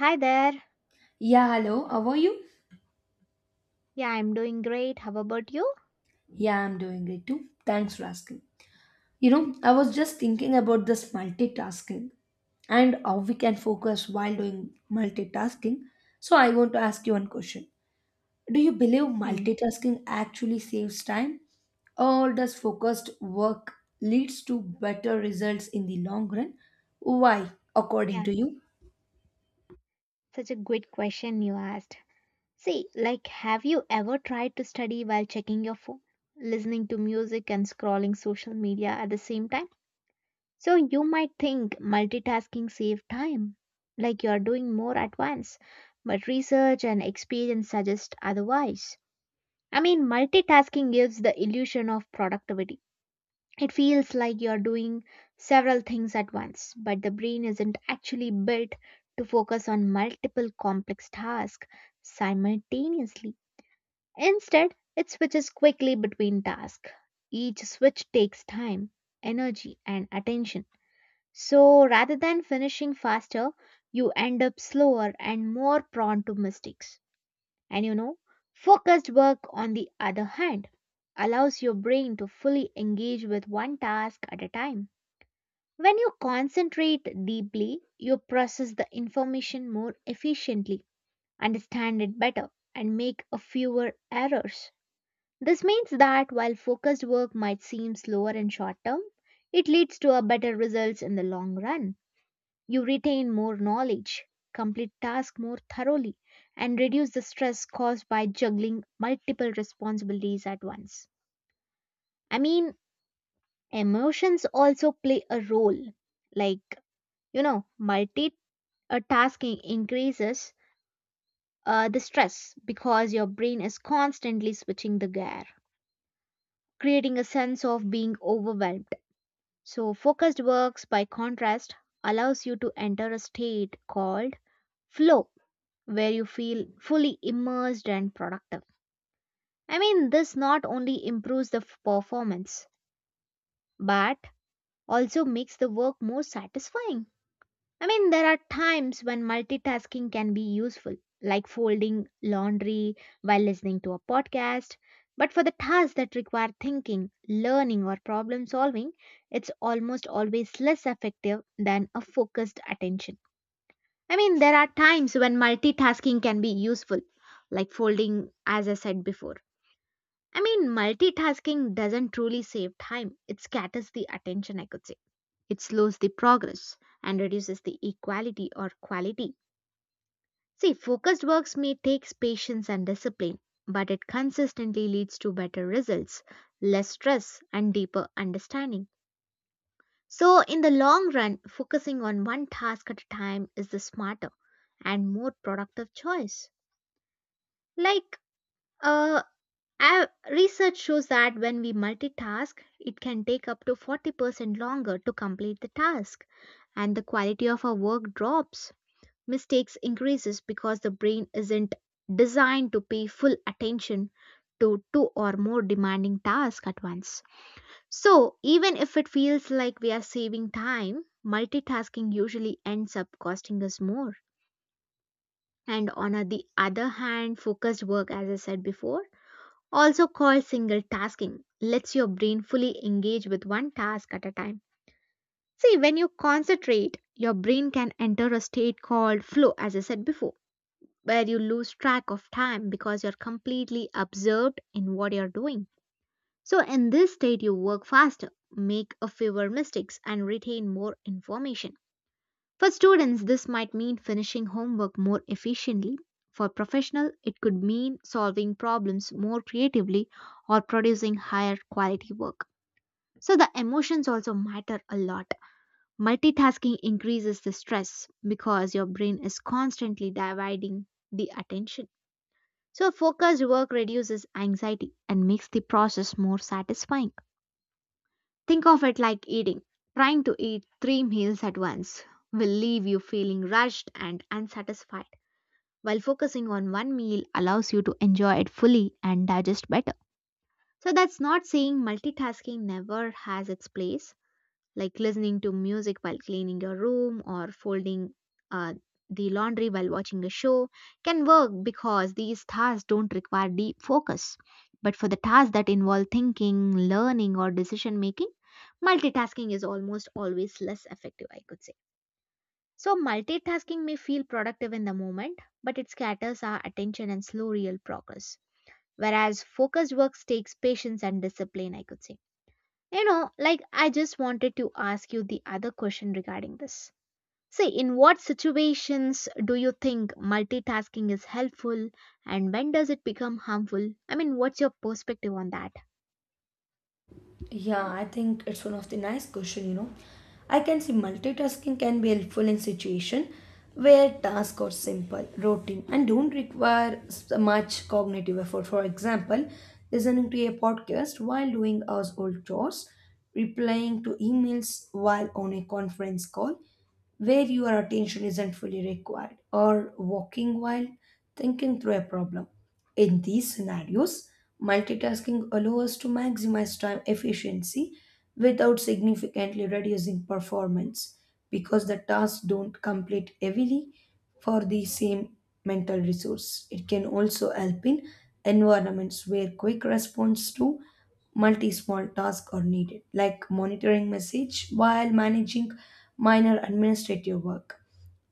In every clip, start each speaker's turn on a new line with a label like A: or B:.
A: Hi there.
B: Yeah, hello. How are you?
A: Yeah, I'm doing great. How about you?
B: Yeah, I'm doing great too. Thanks for asking. You know, I was just thinking about this multitasking and how we can focus while doing multitasking. So, I want to ask you one question. Do you believe
A: Hmm.
B: multitasking actually saves time or does focused work leads to better results in the long run? Why, according
A: Yeah,
B: to you?
A: such a good question you asked. See, like, have you ever tried to study while checking your phone, listening to music, and scrolling social media at the same time? So, you might think multitasking saves time, like you're doing more at once, but research and experience suggest otherwise. I mean, multitasking gives the illusion of productivity. It feels like you're doing several things at once, but the brain isn't actually built to focus on multiple complex tasks simultaneously. Instead, it switches quickly between tasks. Each switch takes time, energy, and attention. So, rather than finishing faster, you end up slower and more prone to mistakes. And you know, focused work, on the other hand, allows your brain to fully engage with one task at a time. When you concentrate deeply, you process the information more efficiently, understand it better, and make a fewer errors. This means that while focused work might seem slower in short term, it leads to a better results in the long run. You retain more knowledge, complete tasks more thoroughly, and reduce the stress caused by juggling multiple responsibilities at once. I mean, emotions also play a role. Like, you know, multi tasking increases the stress because your brain is constantly switching the gear, creating a sense of being overwhelmed. So, focused works, by contrast, allows you to enter a state called flow, where you feel fully immersed and productive. I mean, this not only improves the performance, but also makes the work more satisfying. I mean, there are times when multitasking can be useful, like folding laundry while listening to a podcast. But for the tasks that require thinking, learning, or problem solving, it's almost always less effective than a focused attention. I mean, there are times when multitasking can be useful, like folding, as I said before. I mean, multitasking doesn't truly save time, it scatters the attention, I could say. It slows the progress and reduces the equality or quality. See, focused works may take patience and discipline, but it consistently leads to better results, less stress, and deeper understanding. So, in the long run, focusing on one task at a time is the smarter and more productive choice. Like, uh, research shows that when we multitask, it can take up to 40% longer to complete the task, and the quality of our work drops. Mistakes increases because the brain isn't designed to pay full attention to two or more demanding tasks at once. So, even if it feels like we are saving time, multitasking usually ends up costing us more. And the other hand, focused work, as I said before, also called single tasking, lets your brain fully engage with one task at a time. See, when you concentrate, your brain can enter a state called flow, as I said before, where you lose track of time because you're completely absorbed in what you're doing. So, in this state, you work faster, make a fewer mistakes, and retain more information. For students, this might mean finishing homework more efficiently. For professionals, it could mean solving problems more creatively or producing higher quality work. So, the emotions also matter a lot. Multitasking increases the stress because your brain is constantly dividing the attention. So, focused work reduces anxiety and makes the process more satisfying. Think of it like eating. Trying to eat three meals at once will leave you feeling rushed and unsatisfied, while focusing on one meal allows you to enjoy it fully and digest better. So, that's not saying multitasking never has its place, like listening to music while cleaning your room or folding uh, the laundry while watching a show can work because these tasks don't require deep focus. But for the tasks that involve thinking, learning, or decision making, multitasking is almost always less effective, I could say. So, multitasking may feel productive in the moment, but it scatters our attention and slow real progress. Whereas focused work takes patience and discipline, I could say. You know, like I just wanted to ask you the other question regarding this. See, in what situations do you think multitasking is helpful and when does it become harmful? I mean, what's your perspective on that?
B: Yeah, I think it's one of the nice question, you know. I can see multitasking can be helpful in situation where tasks are simple, routine, and don't require much cognitive effort. For example, listening to a podcast while doing household chores, replying to emails while on a conference call, where your attention isn't fully required, or walking while thinking through a problem. In these scenarios, multitasking allows us to maximize time efficiency without significantly reducing performance because the tasks don't complete heavily for the same mental resource. It can also help in environments where quick response to multi small tasks are needed, like monitoring message while managing minor administrative work.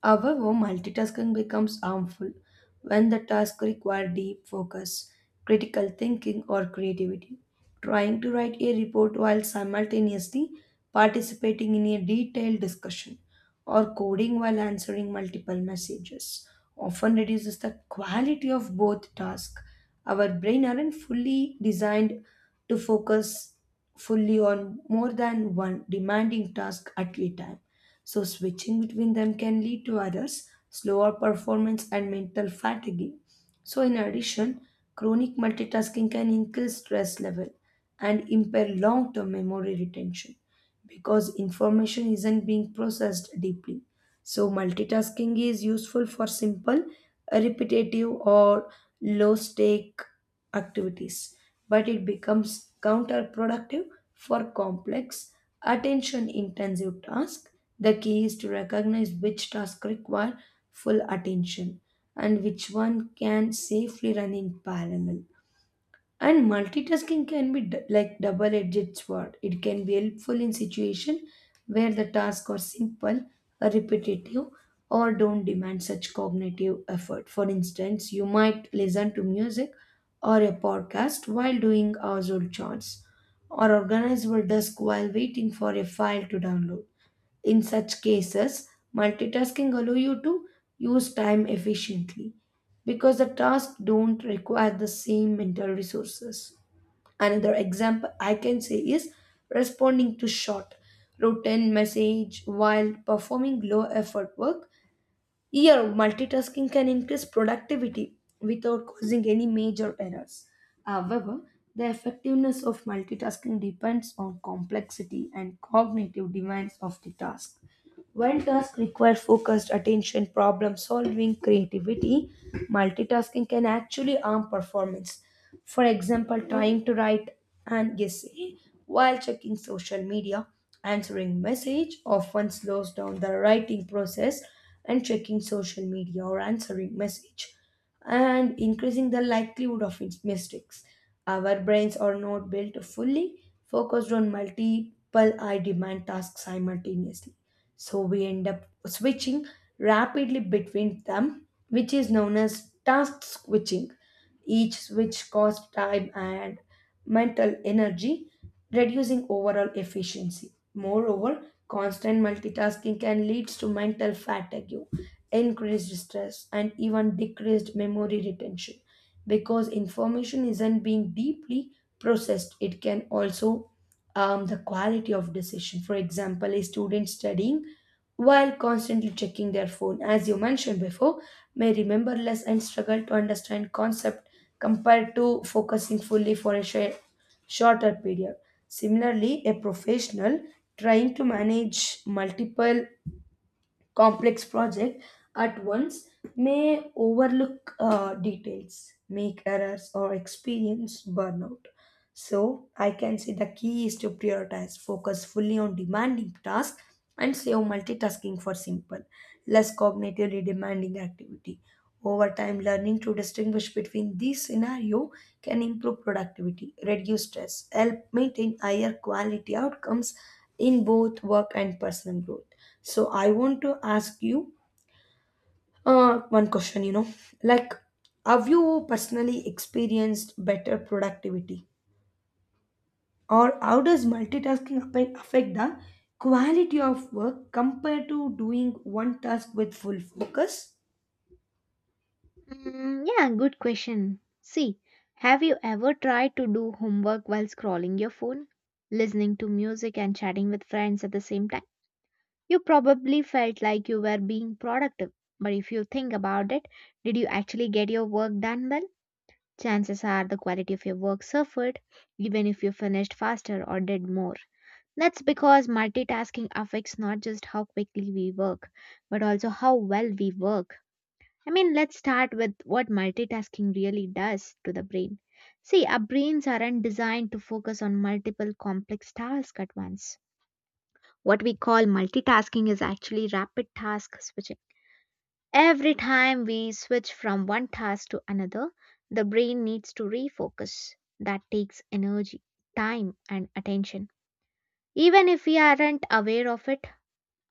B: However, multitasking becomes harmful when the tasks require deep focus, critical thinking, or creativity. Trying to write a report while simultaneously participating in a detailed discussion or coding while answering multiple messages often reduces the quality of both tasks. Our brain aren't fully designed to focus fully on more than one demanding task at a time. So, switching between them can lead to errors, slower performance, and mental fatigue. So, in addition, chronic multitasking can increase stress level and impair long term memory retention because information isn't being processed deeply. So, multitasking is useful for simple, repetitive, or low stake activities, but it becomes counterproductive for complex, attention intensive tasks. The key is to recognize which tasks require full attention and which one can safely run in parallel. And multitasking can be like double-edged sword. It can be helpful in situation where the tasks are simple, or repetitive, or don't demand such cognitive effort. For instance, you might listen to music or a podcast while doing household chores, or organize your desk while waiting for a file to download. In such cases, multitasking allow you to use time efficiently because the tasks don't require the same mental resources. Another example I can say is responding to short routine message while performing low effort work. Here, multitasking can increase productivity without causing any major errors. However, the effectiveness of multitasking depends on complexity and cognitive demands of the task. When tasks require focused attention, problem solving, creativity, multitasking can actually harm performance. For example, trying to write an essay while checking social media, answering message often slows down the writing process and checking social media or answering message and increasing the likelihood of its mistakes. Our brains are not built fully focused on multiple high demand tasks simultaneously. So we end up switching rapidly between them, which is known as task switching. Each switch costs time and mental energy, reducing overall efficiency. Moreover, constant multitasking can lead to mental fatigue increased stress, and even decreased memory retention. Because information isn't being deeply processed, it can also harm the quality of decision. For example, a student studying while constantly checking their phone, as you mentioned before, may remember less and struggle to understand concept compared to focusing fully for a share, shorter period. Similarly, a professional trying to manage multiple complex project at once may overlook details, make errors, or experience burnout. So I can say the key is to prioritize, focus fully on demanding tasks, and save multitasking for simple, less cognitively demanding activity. Over time, learning to distinguish between these scenario can improve productivity, reduce stress, help maintain higher quality outcomes in both work and personal growth. So I want to ask you one question. You know, like, have you personally experienced better productivity? Or how does multitasking affect the quality of work compared to doing one task with full focus?
A: Mm, yeah, good question. See, have you ever tried to do homework while scrolling your phone, listening to music, and chatting with friends at the same time? You probably felt like you were being productive, but if you think about it, did you actually get your work done well? Chances are the quality of your work suffered, even if you finished faster or did more. That's because multitasking affects not just how quickly we work, but also how well we work. I mean, let's start with what multitasking really does to the brain. See, our brains aren't designed to focus on multiple complex tasks at once. What we call multitasking is actually rapid task switching. Every time we switch from one task to another, the brain needs to refocus. That takes energy, time, and attention. Even if we aren't aware of it,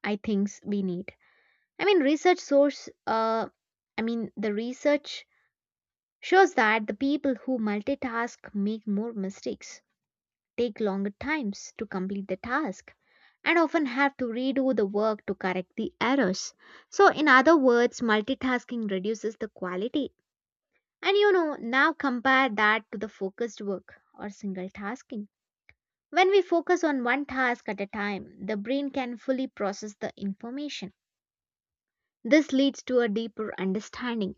A: I think we need. I mean, I mean, the research shows that the people who multitask make more mistakes, take longer times to complete the task, and often have to redo the work to correct the errors. So, in other words, multitasking reduces the quality. And you know, now compare that to the focused work or single tasking. When we focus on one task at a time, the brain can fully process the information. This leads to a deeper understanding,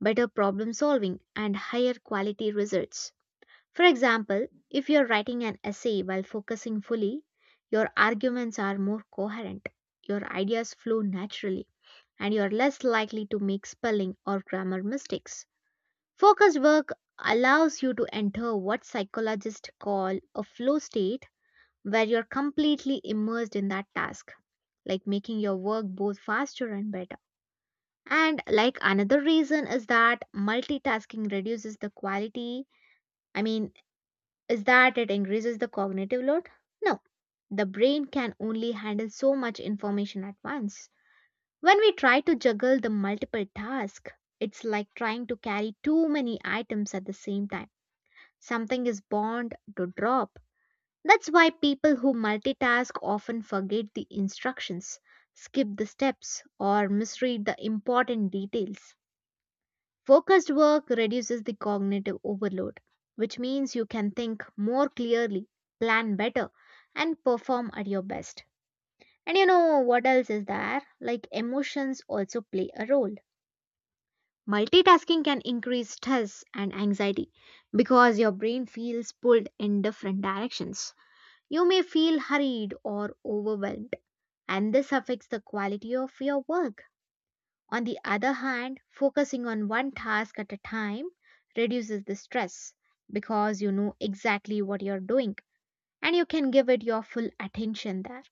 A: better problem solving, and higher quality results. For example, if you're writing an essay while focusing fully, your arguments are more coherent, your ideas flow naturally, and you're less likely to make spelling or grammar mistakes. Focus work allows you to enter what psychologists call a flow state where you're completely immersed in that task, like making your work both faster and better. And like another reason is that multitasking reduces the quality. I mean, is that it increases the cognitive load? No. The brain can only handle so much information at once. When we try to juggle the multiple tasks, it's like trying to carry too many items at the same time. Something is bound to drop. That's why people who multitask often forget the instructions, skip the steps, or misread the important details. Focused work reduces the cognitive overload, which means you can think more clearly, plan better, and perform at your best. And you know what else is there? Like emotions also play a role. Multitasking can increase stress and anxiety because your brain feels pulled in different directions. You may feel hurried or overwhelmed, and this affects the quality of your work. On the other hand, focusing on one task at a time reduces the stress because you know exactly what you're doing and you can give it your full attention there.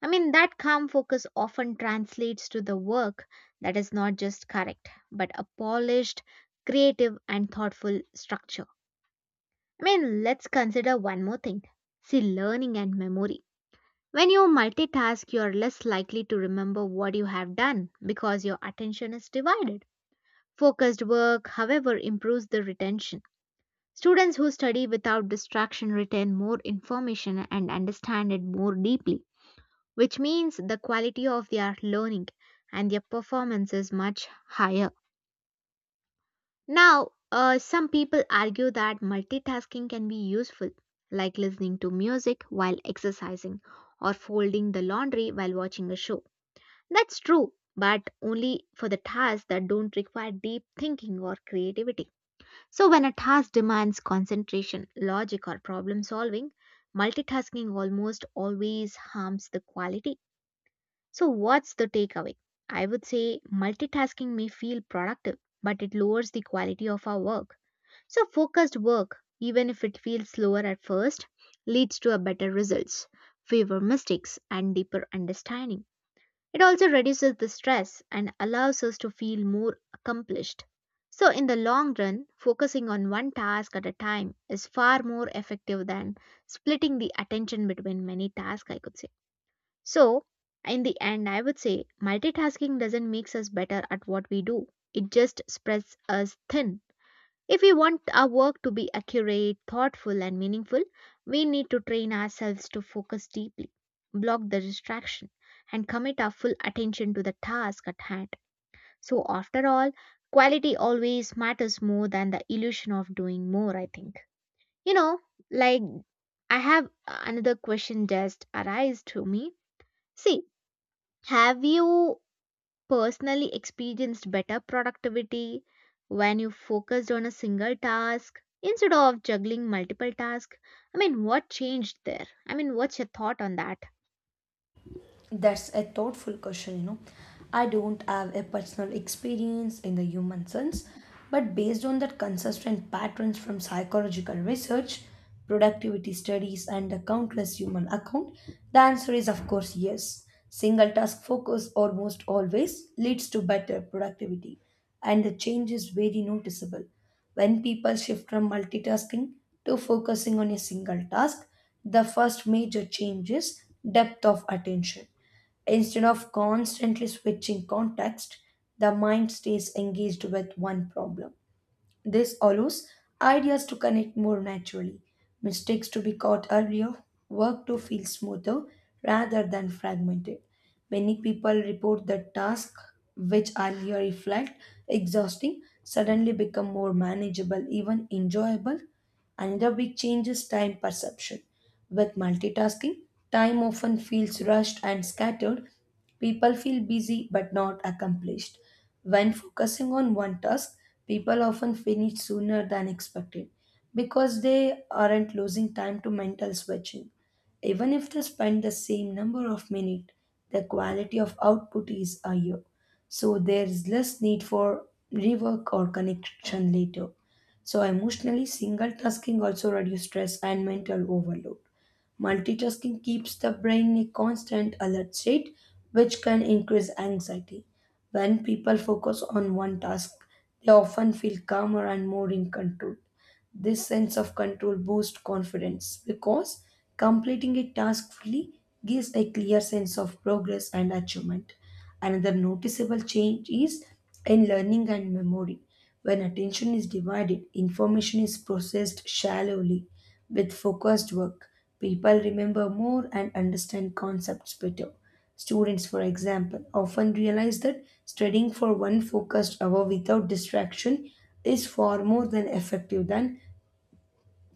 A: I mean, that calm focus often translates to the work that is not just correct, but a polished, creative, and thoughtful structure. I mean, let's consider one more thing. See, learning and memory. When you multitask, you're less likely to remember what you have done because your attention is divided. Focused work, however, improves the retention. Students who study without distraction retain more information and understand it more deeply, which means the quality of their learning and their performance is much higher. Now, some people argue that multitasking can be useful, like listening to music while exercising or folding the laundry while watching a show. That's true, but only for the tasks that don't require deep thinking or creativity. So, when a task demands concentration, logic, or problem solving, multitasking almost always harms the quality. So, what's the takeaway? I would say multitasking may feel productive, but it lowers the quality of our work. So, focused work, even if it feels slower at first, leads to a better results, fewer mistakes, and deeper understanding. It also reduces the stress and allows us to feel more accomplished. So, in the long run, focusing on one task at a time is far more effective than splitting the attention between many tasks, I could say. So, in the end, I would say multitasking doesn't make us better at what we do, it just spreads us thin if we want our work to be accurate, thoughtful, and meaningful, we need to train ourselves to focus deeply, block the distraction, and commit our full attention to the task at hand. So, after all, quality always matters more than the illusion of doing more, I think. You know, like I have another question just arise to me. See, have you personally experienced better productivity when you focused on a single task instead of juggling multiple tasks. I mean, what changed there? I mean, what's your thought on that?
B: That's a thoughtful question, you know. I don't have a personal experience in the human sense, but based on the consistent patterns from psychological research, productivity studies, and the countless human account, the answer is of course yes. Single task focus almost always leads to better productivity, and the change is very noticeable. When people shift from multitasking to focusing on a single task, the first major change is depth of attention. Instead of constantly switching context, the mind stays engaged with one problem. This allows ideas to connect more naturally, mistakes to be caught earlier, work to feel smoother rather than fragmented. Many people report that tasks which earlier reflect exhausting suddenly become more manageable, even enjoyable. Another big change is time perception. With multitasking, time often feels rushed and scattered. People feel busy but not accomplished. When focusing on one task, people often finish sooner than expected because they aren't losing time to mental switching. Even if they spend the same number of minutes, the quality of output is higher. So there is less need for rework or connection later. So emotionally, single tasking also reduces stress and mental overload. Multitasking keeps the brain in a constant alert state, which can increase anxiety. When people focus on one task, they often feel calmer and more in control. This sense of control boosts confidence because completing a task fully gives a clear sense of progress and achievement. Another noticeable change is in learning and memory. When attention is divided, information is processed shallowly. With focused work, people remember more and understand concepts better. Students, for example, often realize that studying for one focused hour without distraction is far more than effective than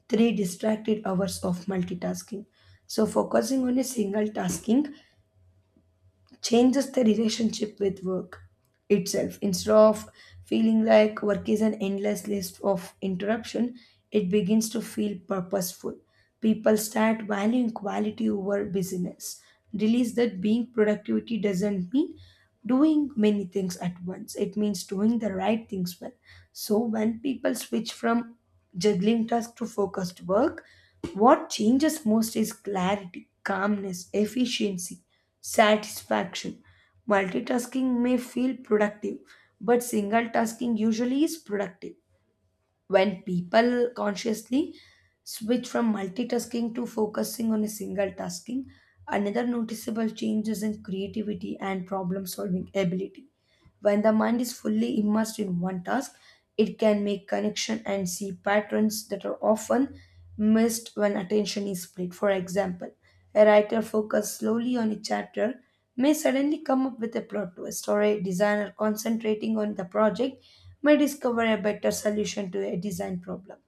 B: three distracted hours of multitasking. So, focusing on a single tasking changes the relationship with work itself. Instead of feeling like work is an endless list of interruption, it begins to feel purposeful. People start valuing quality over busyness. Realize that being productivity doesn't mean doing many things at once. It means doing the right things well. So when people switch from juggling tasks to focused work, what changes most is clarity, calmness, efficiency, satisfaction. Multitasking may feel productive, but single tasking usually is productive when people consciously switch from multitasking to focusing on a single tasking, another noticeable change is in creativity and problem solving ability. When the mind is fully immersed in one task, it can make connection and see patterns that are often missed when attention is split. For example, a writer focused slowly on a chapter may suddenly come up with a plot twist, or a designer concentrating on the project may discover a better solution to a design problem.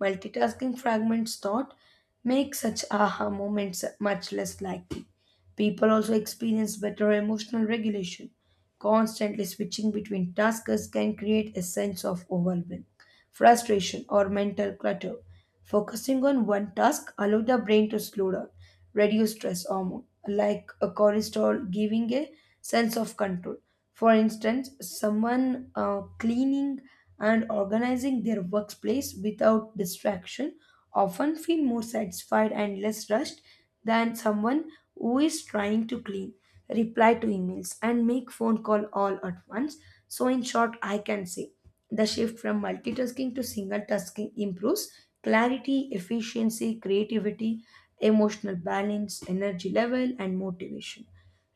B: Multitasking fragments thought make such aha moments much less likely. People also experience better emotional regulation. Constantly switching between tasks can create a sense of overwhelm, frustration, or mental clutter. Focusing on one task allows the brain to slow down, reduce stress hormone, like a cortisol, giving a sense of control. For instance, someone cleaning and organizing their workplace without distraction often feel more satisfied and less rushed than someone who is trying to clean, reply to emails, and make phone call all at once. So in short, I can say the shift from multitasking to single tasking improves clarity, efficiency, creativity, emotional balance, energy level, and motivation.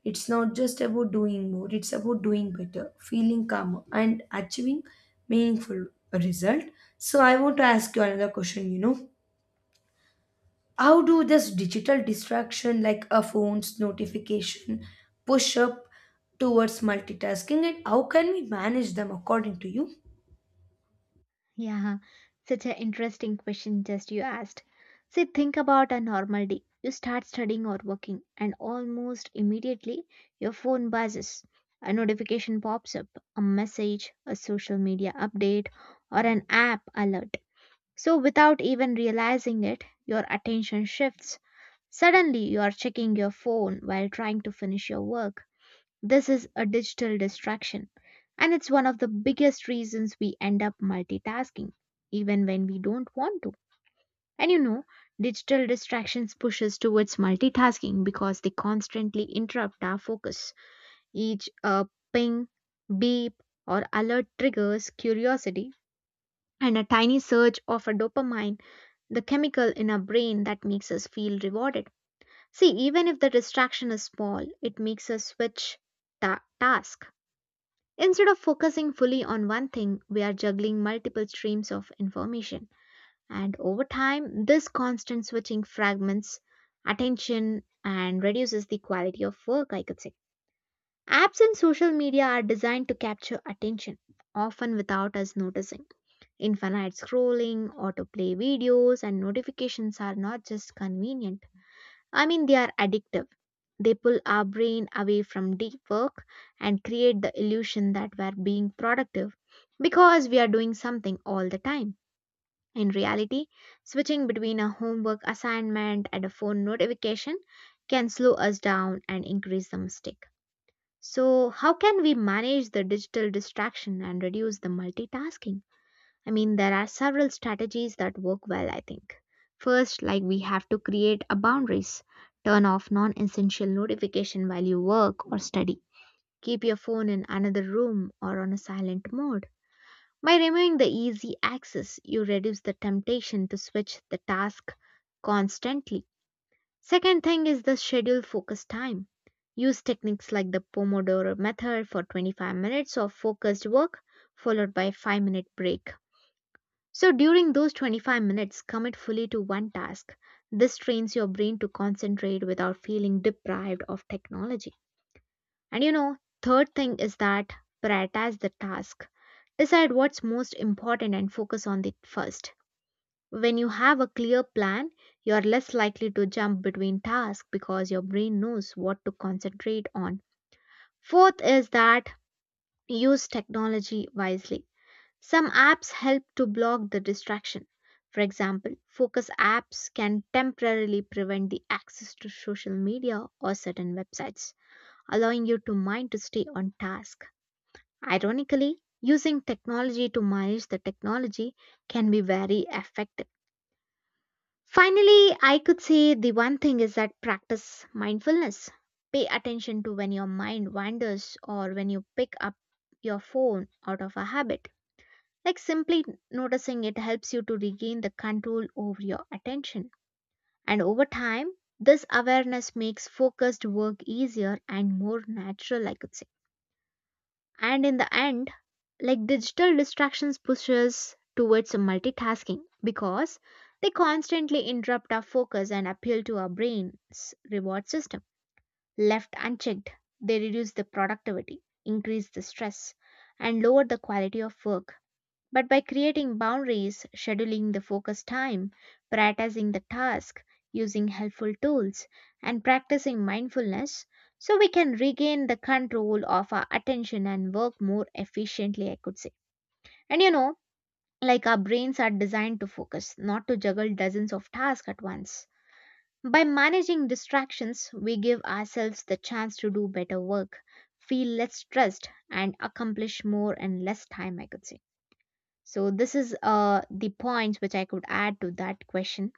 B: It's not just about doing more, it's about doing better, feeling calmer, and achieving meaningful result. So I want to ask you another question, you know. How do this digital distraction like a phone's notification push up towards multitasking and how can we manage them according to you?
A: Yeah, such an interesting question just you asked. See, think about a normal day. You start studying or working, and almost immediately your phone buzzes. A notification pops up, a message, a social media update, or an app alert. So, without even realizing it, your attention shifts. Suddenly, you are checking your phone while trying to finish your work. This is a digital distraction, and it's one of the biggest reasons we end up multitasking, even when we don't want to. And you know, digital distractions push us towards multitasking because they constantly interrupt our focus. Each ping, beep, or alert triggers curiosity, and a tiny surge of a dopamine, the chemical in our brain that makes us feel rewarded. See, even if the distraction is small, it makes us switch task. Instead of focusing fully on one thing, we are juggling multiple streams of information. And over time, this constant switching fragments attention and reduces the quality of work, I could say. Apps and social media are designed to capture attention, often without us noticing. Infinite scrolling, autoplay videos, and notifications are not just convenient. I mean, they are addictive. They pull our brain away from deep work and create the illusion that we're being productive because we are doing something all the time. In reality, switching between a homework assignment and a phone notification can slow us down and increase the mistake. So, how can we manage the digital distraction and reduce the multitasking? I mean, there are several strategies that work well, I think. First, like we have to create a boundaries. Turn off non-essential notification while you work or study. Keep your phone in another room or on a silent mode. By removing the easy access, you reduce the temptation to switch the task constantly. Second thing is the schedule focus time. Use techniques like the Pomodoro method for 25 minutes of focused work followed by a 5-minute break. So during those 25 minutes, commit fully to one task. This trains your brain to concentrate without feeling deprived of technology. And you know, third thing is that prioritize the task. Decide what's most important and focus on it first. When you have a clear plan, you're less likely to jump between tasks because your brain knows what to concentrate on. Fourth is that use technology wisely. Some apps help to block the distraction. For example, focus apps can temporarily prevent the access to social media or certain websites, allowing your to mind to stay on task. Ironically, using technology to manage the technology can be very effective. Finally, I could say the one thing is that practice mindfulness. Pay attention to when your mind wanders or when you pick up your phone out of a habit. Like simply noticing it helps you to regain the control over your attention. And over time, this awareness makes focused work easier and more natural, I could say. And in the end, like digital distractions pushes towards multitasking because they constantly interrupt our focus and appeal to our brain's reward system. Left unchecked, they reduce the productivity, increase the stress, and lower the quality of work, but by creating boundaries, scheduling the focus time, prioritizing the task, using helpful tools, and practicing mindfulness, so we can regain the control of our attention and work more efficiently, I could say. And you know, like our brains are designed to focus, not to juggle dozens of tasks at once. By managing distractions, we give ourselves the chance to do better work, feel less stressed, and accomplish more in less time, I could say. So this is the points which I could add to that question.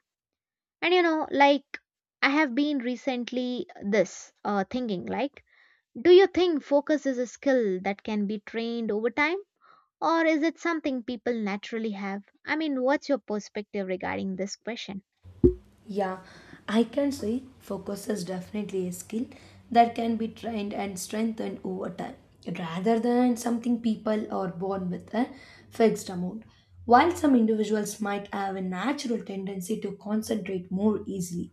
A: And you know, like I have been recently this thinking like, do you think focus is a skill that can be trained over time, or is it something people naturally have? I mean, what's your perspective regarding this question?
B: Yeah, I can say focus is definitely a skill that can be trained and strengthened over time rather than something people are born with a fixed amount. While some individuals might have a natural tendency to concentrate more easily,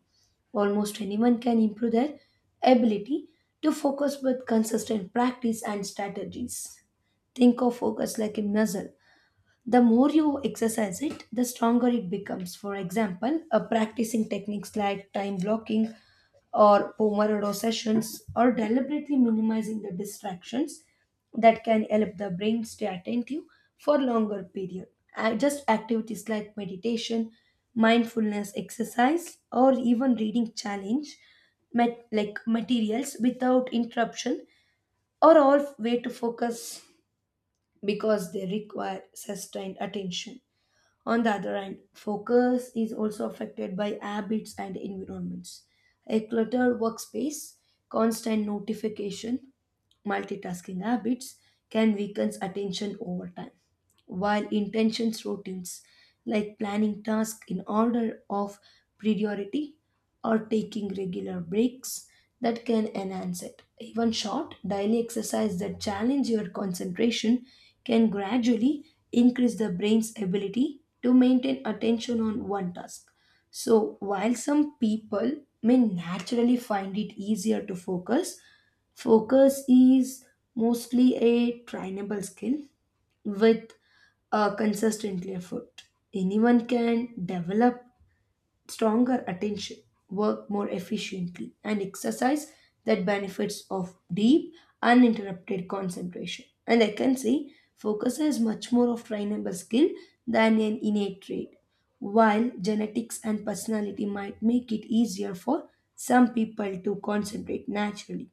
B: almost anyone can improve their ability to focus with consistent practice and strategies. Think of focus like a muscle the more you exercise it, the stronger it becomes. For example, practicing techniques like time blocking or Pomodoro sessions or deliberately minimizing the distractions that can help the brain stay attentive for longer period. Just activities like meditation, mindfulness exercise, or even reading challenge like materials without interruption are all way to focus because they require sustained attention. On the other hand, focus is also affected by habits and environments. A cluttered workspace, constant notification, multitasking habits can weaken attention over time. While intentions routines like planning tasks in order of priority or taking regular breaks that can enhance it. Even short daily exercise that challenge your concentration can gradually increase the brain's ability to maintain attention on one task. So, while some people may naturally find it easier to focus, focus is mostly a trainable skill with a consistent effort. Anyone can develop stronger attention, work more efficiently, and exercise that benefits of deep, uninterrupted concentration. And I can say focus is much more of trainable skill than an innate trait. While genetics and personality might make it easier for some people to concentrate naturally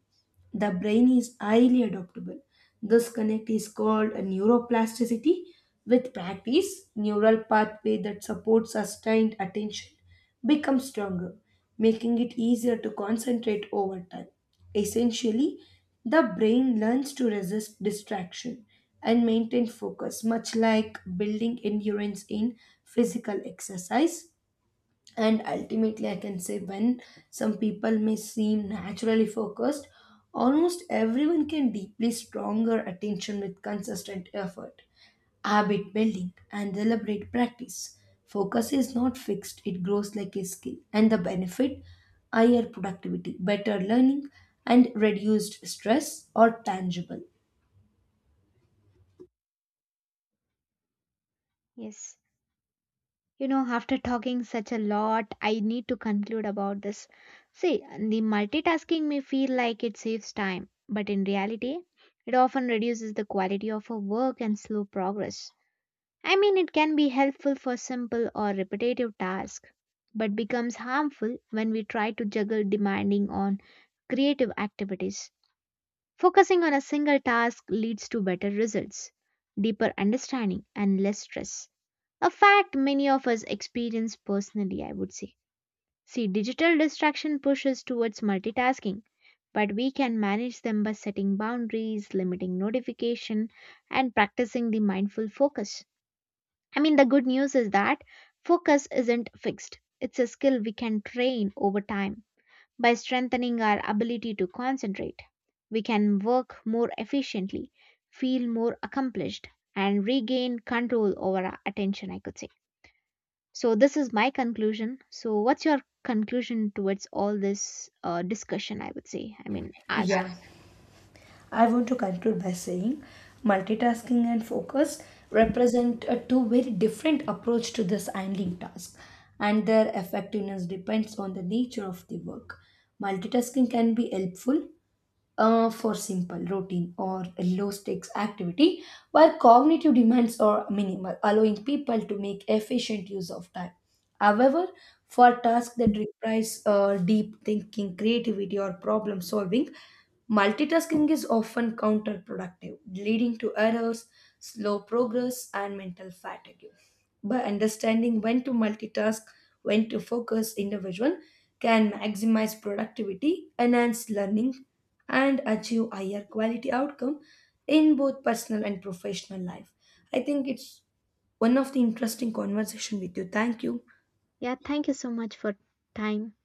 B: the brain is highly adaptable. This connect is called a neuroplasticity. With practice, neural pathway that supports sustained attention becomes stronger, making it easier to concentrate over time. Essentially, the brain learns to resist distraction and maintain focus, much like building endurance in physical exercise and ultimately I can say when some people may seem naturally focused almost everyone can deeply stronger attention with consistent effort habit building and deliberate practice focus is not fixed it grows like a skill and the benefit higher productivity better learning and reduced stress are tangible.
A: Yes. You know, after talking such a lot, I need to conclude about this. See, the multitasking may feel like it saves time, but in reality, it often reduces the quality of our work and slow progress. I mean, it can be helpful for simple or repetitive tasks, but becomes harmful when we try to juggle demanding on creative activities. Focusing on a single task leads to better results, deeper understanding, and less stress. A fact many of us experience personally, I would say. See, digital distraction pushes towards multitasking, but we can manage them by setting boundaries, limiting notification, and practicing the mindful focus. I mean, the good news is that focus isn't fixed, it's a skill we can train over time. By strengthening our ability to concentrate, we can work more efficiently, feel more accomplished, and regain control over our attention, I could say. So, this is my conclusion. So, what's your conclusion towards all this discussion? I would say, I mean, ask.
B: Yeah, I want to conclude by saying multitasking and focus represent a two very different approach to this handling task, and their effectiveness depends on the nature of the work. Multitasking can be helpful for simple routine or low stakes activity while cognitive demands are minimal allowing people to make efficient use of time however for tasks that requires deep thinking creativity or problem solving multitasking is often counterproductive leading to errors slow progress and mental fatigue by understanding when to multitask, when to focus individual can maximize productivity, enhance learning, and achieve higher quality outcome in both personal and professional life. I think it's one of the interesting conversation with you. Thank you.
A: Yeah, thank you so much for time.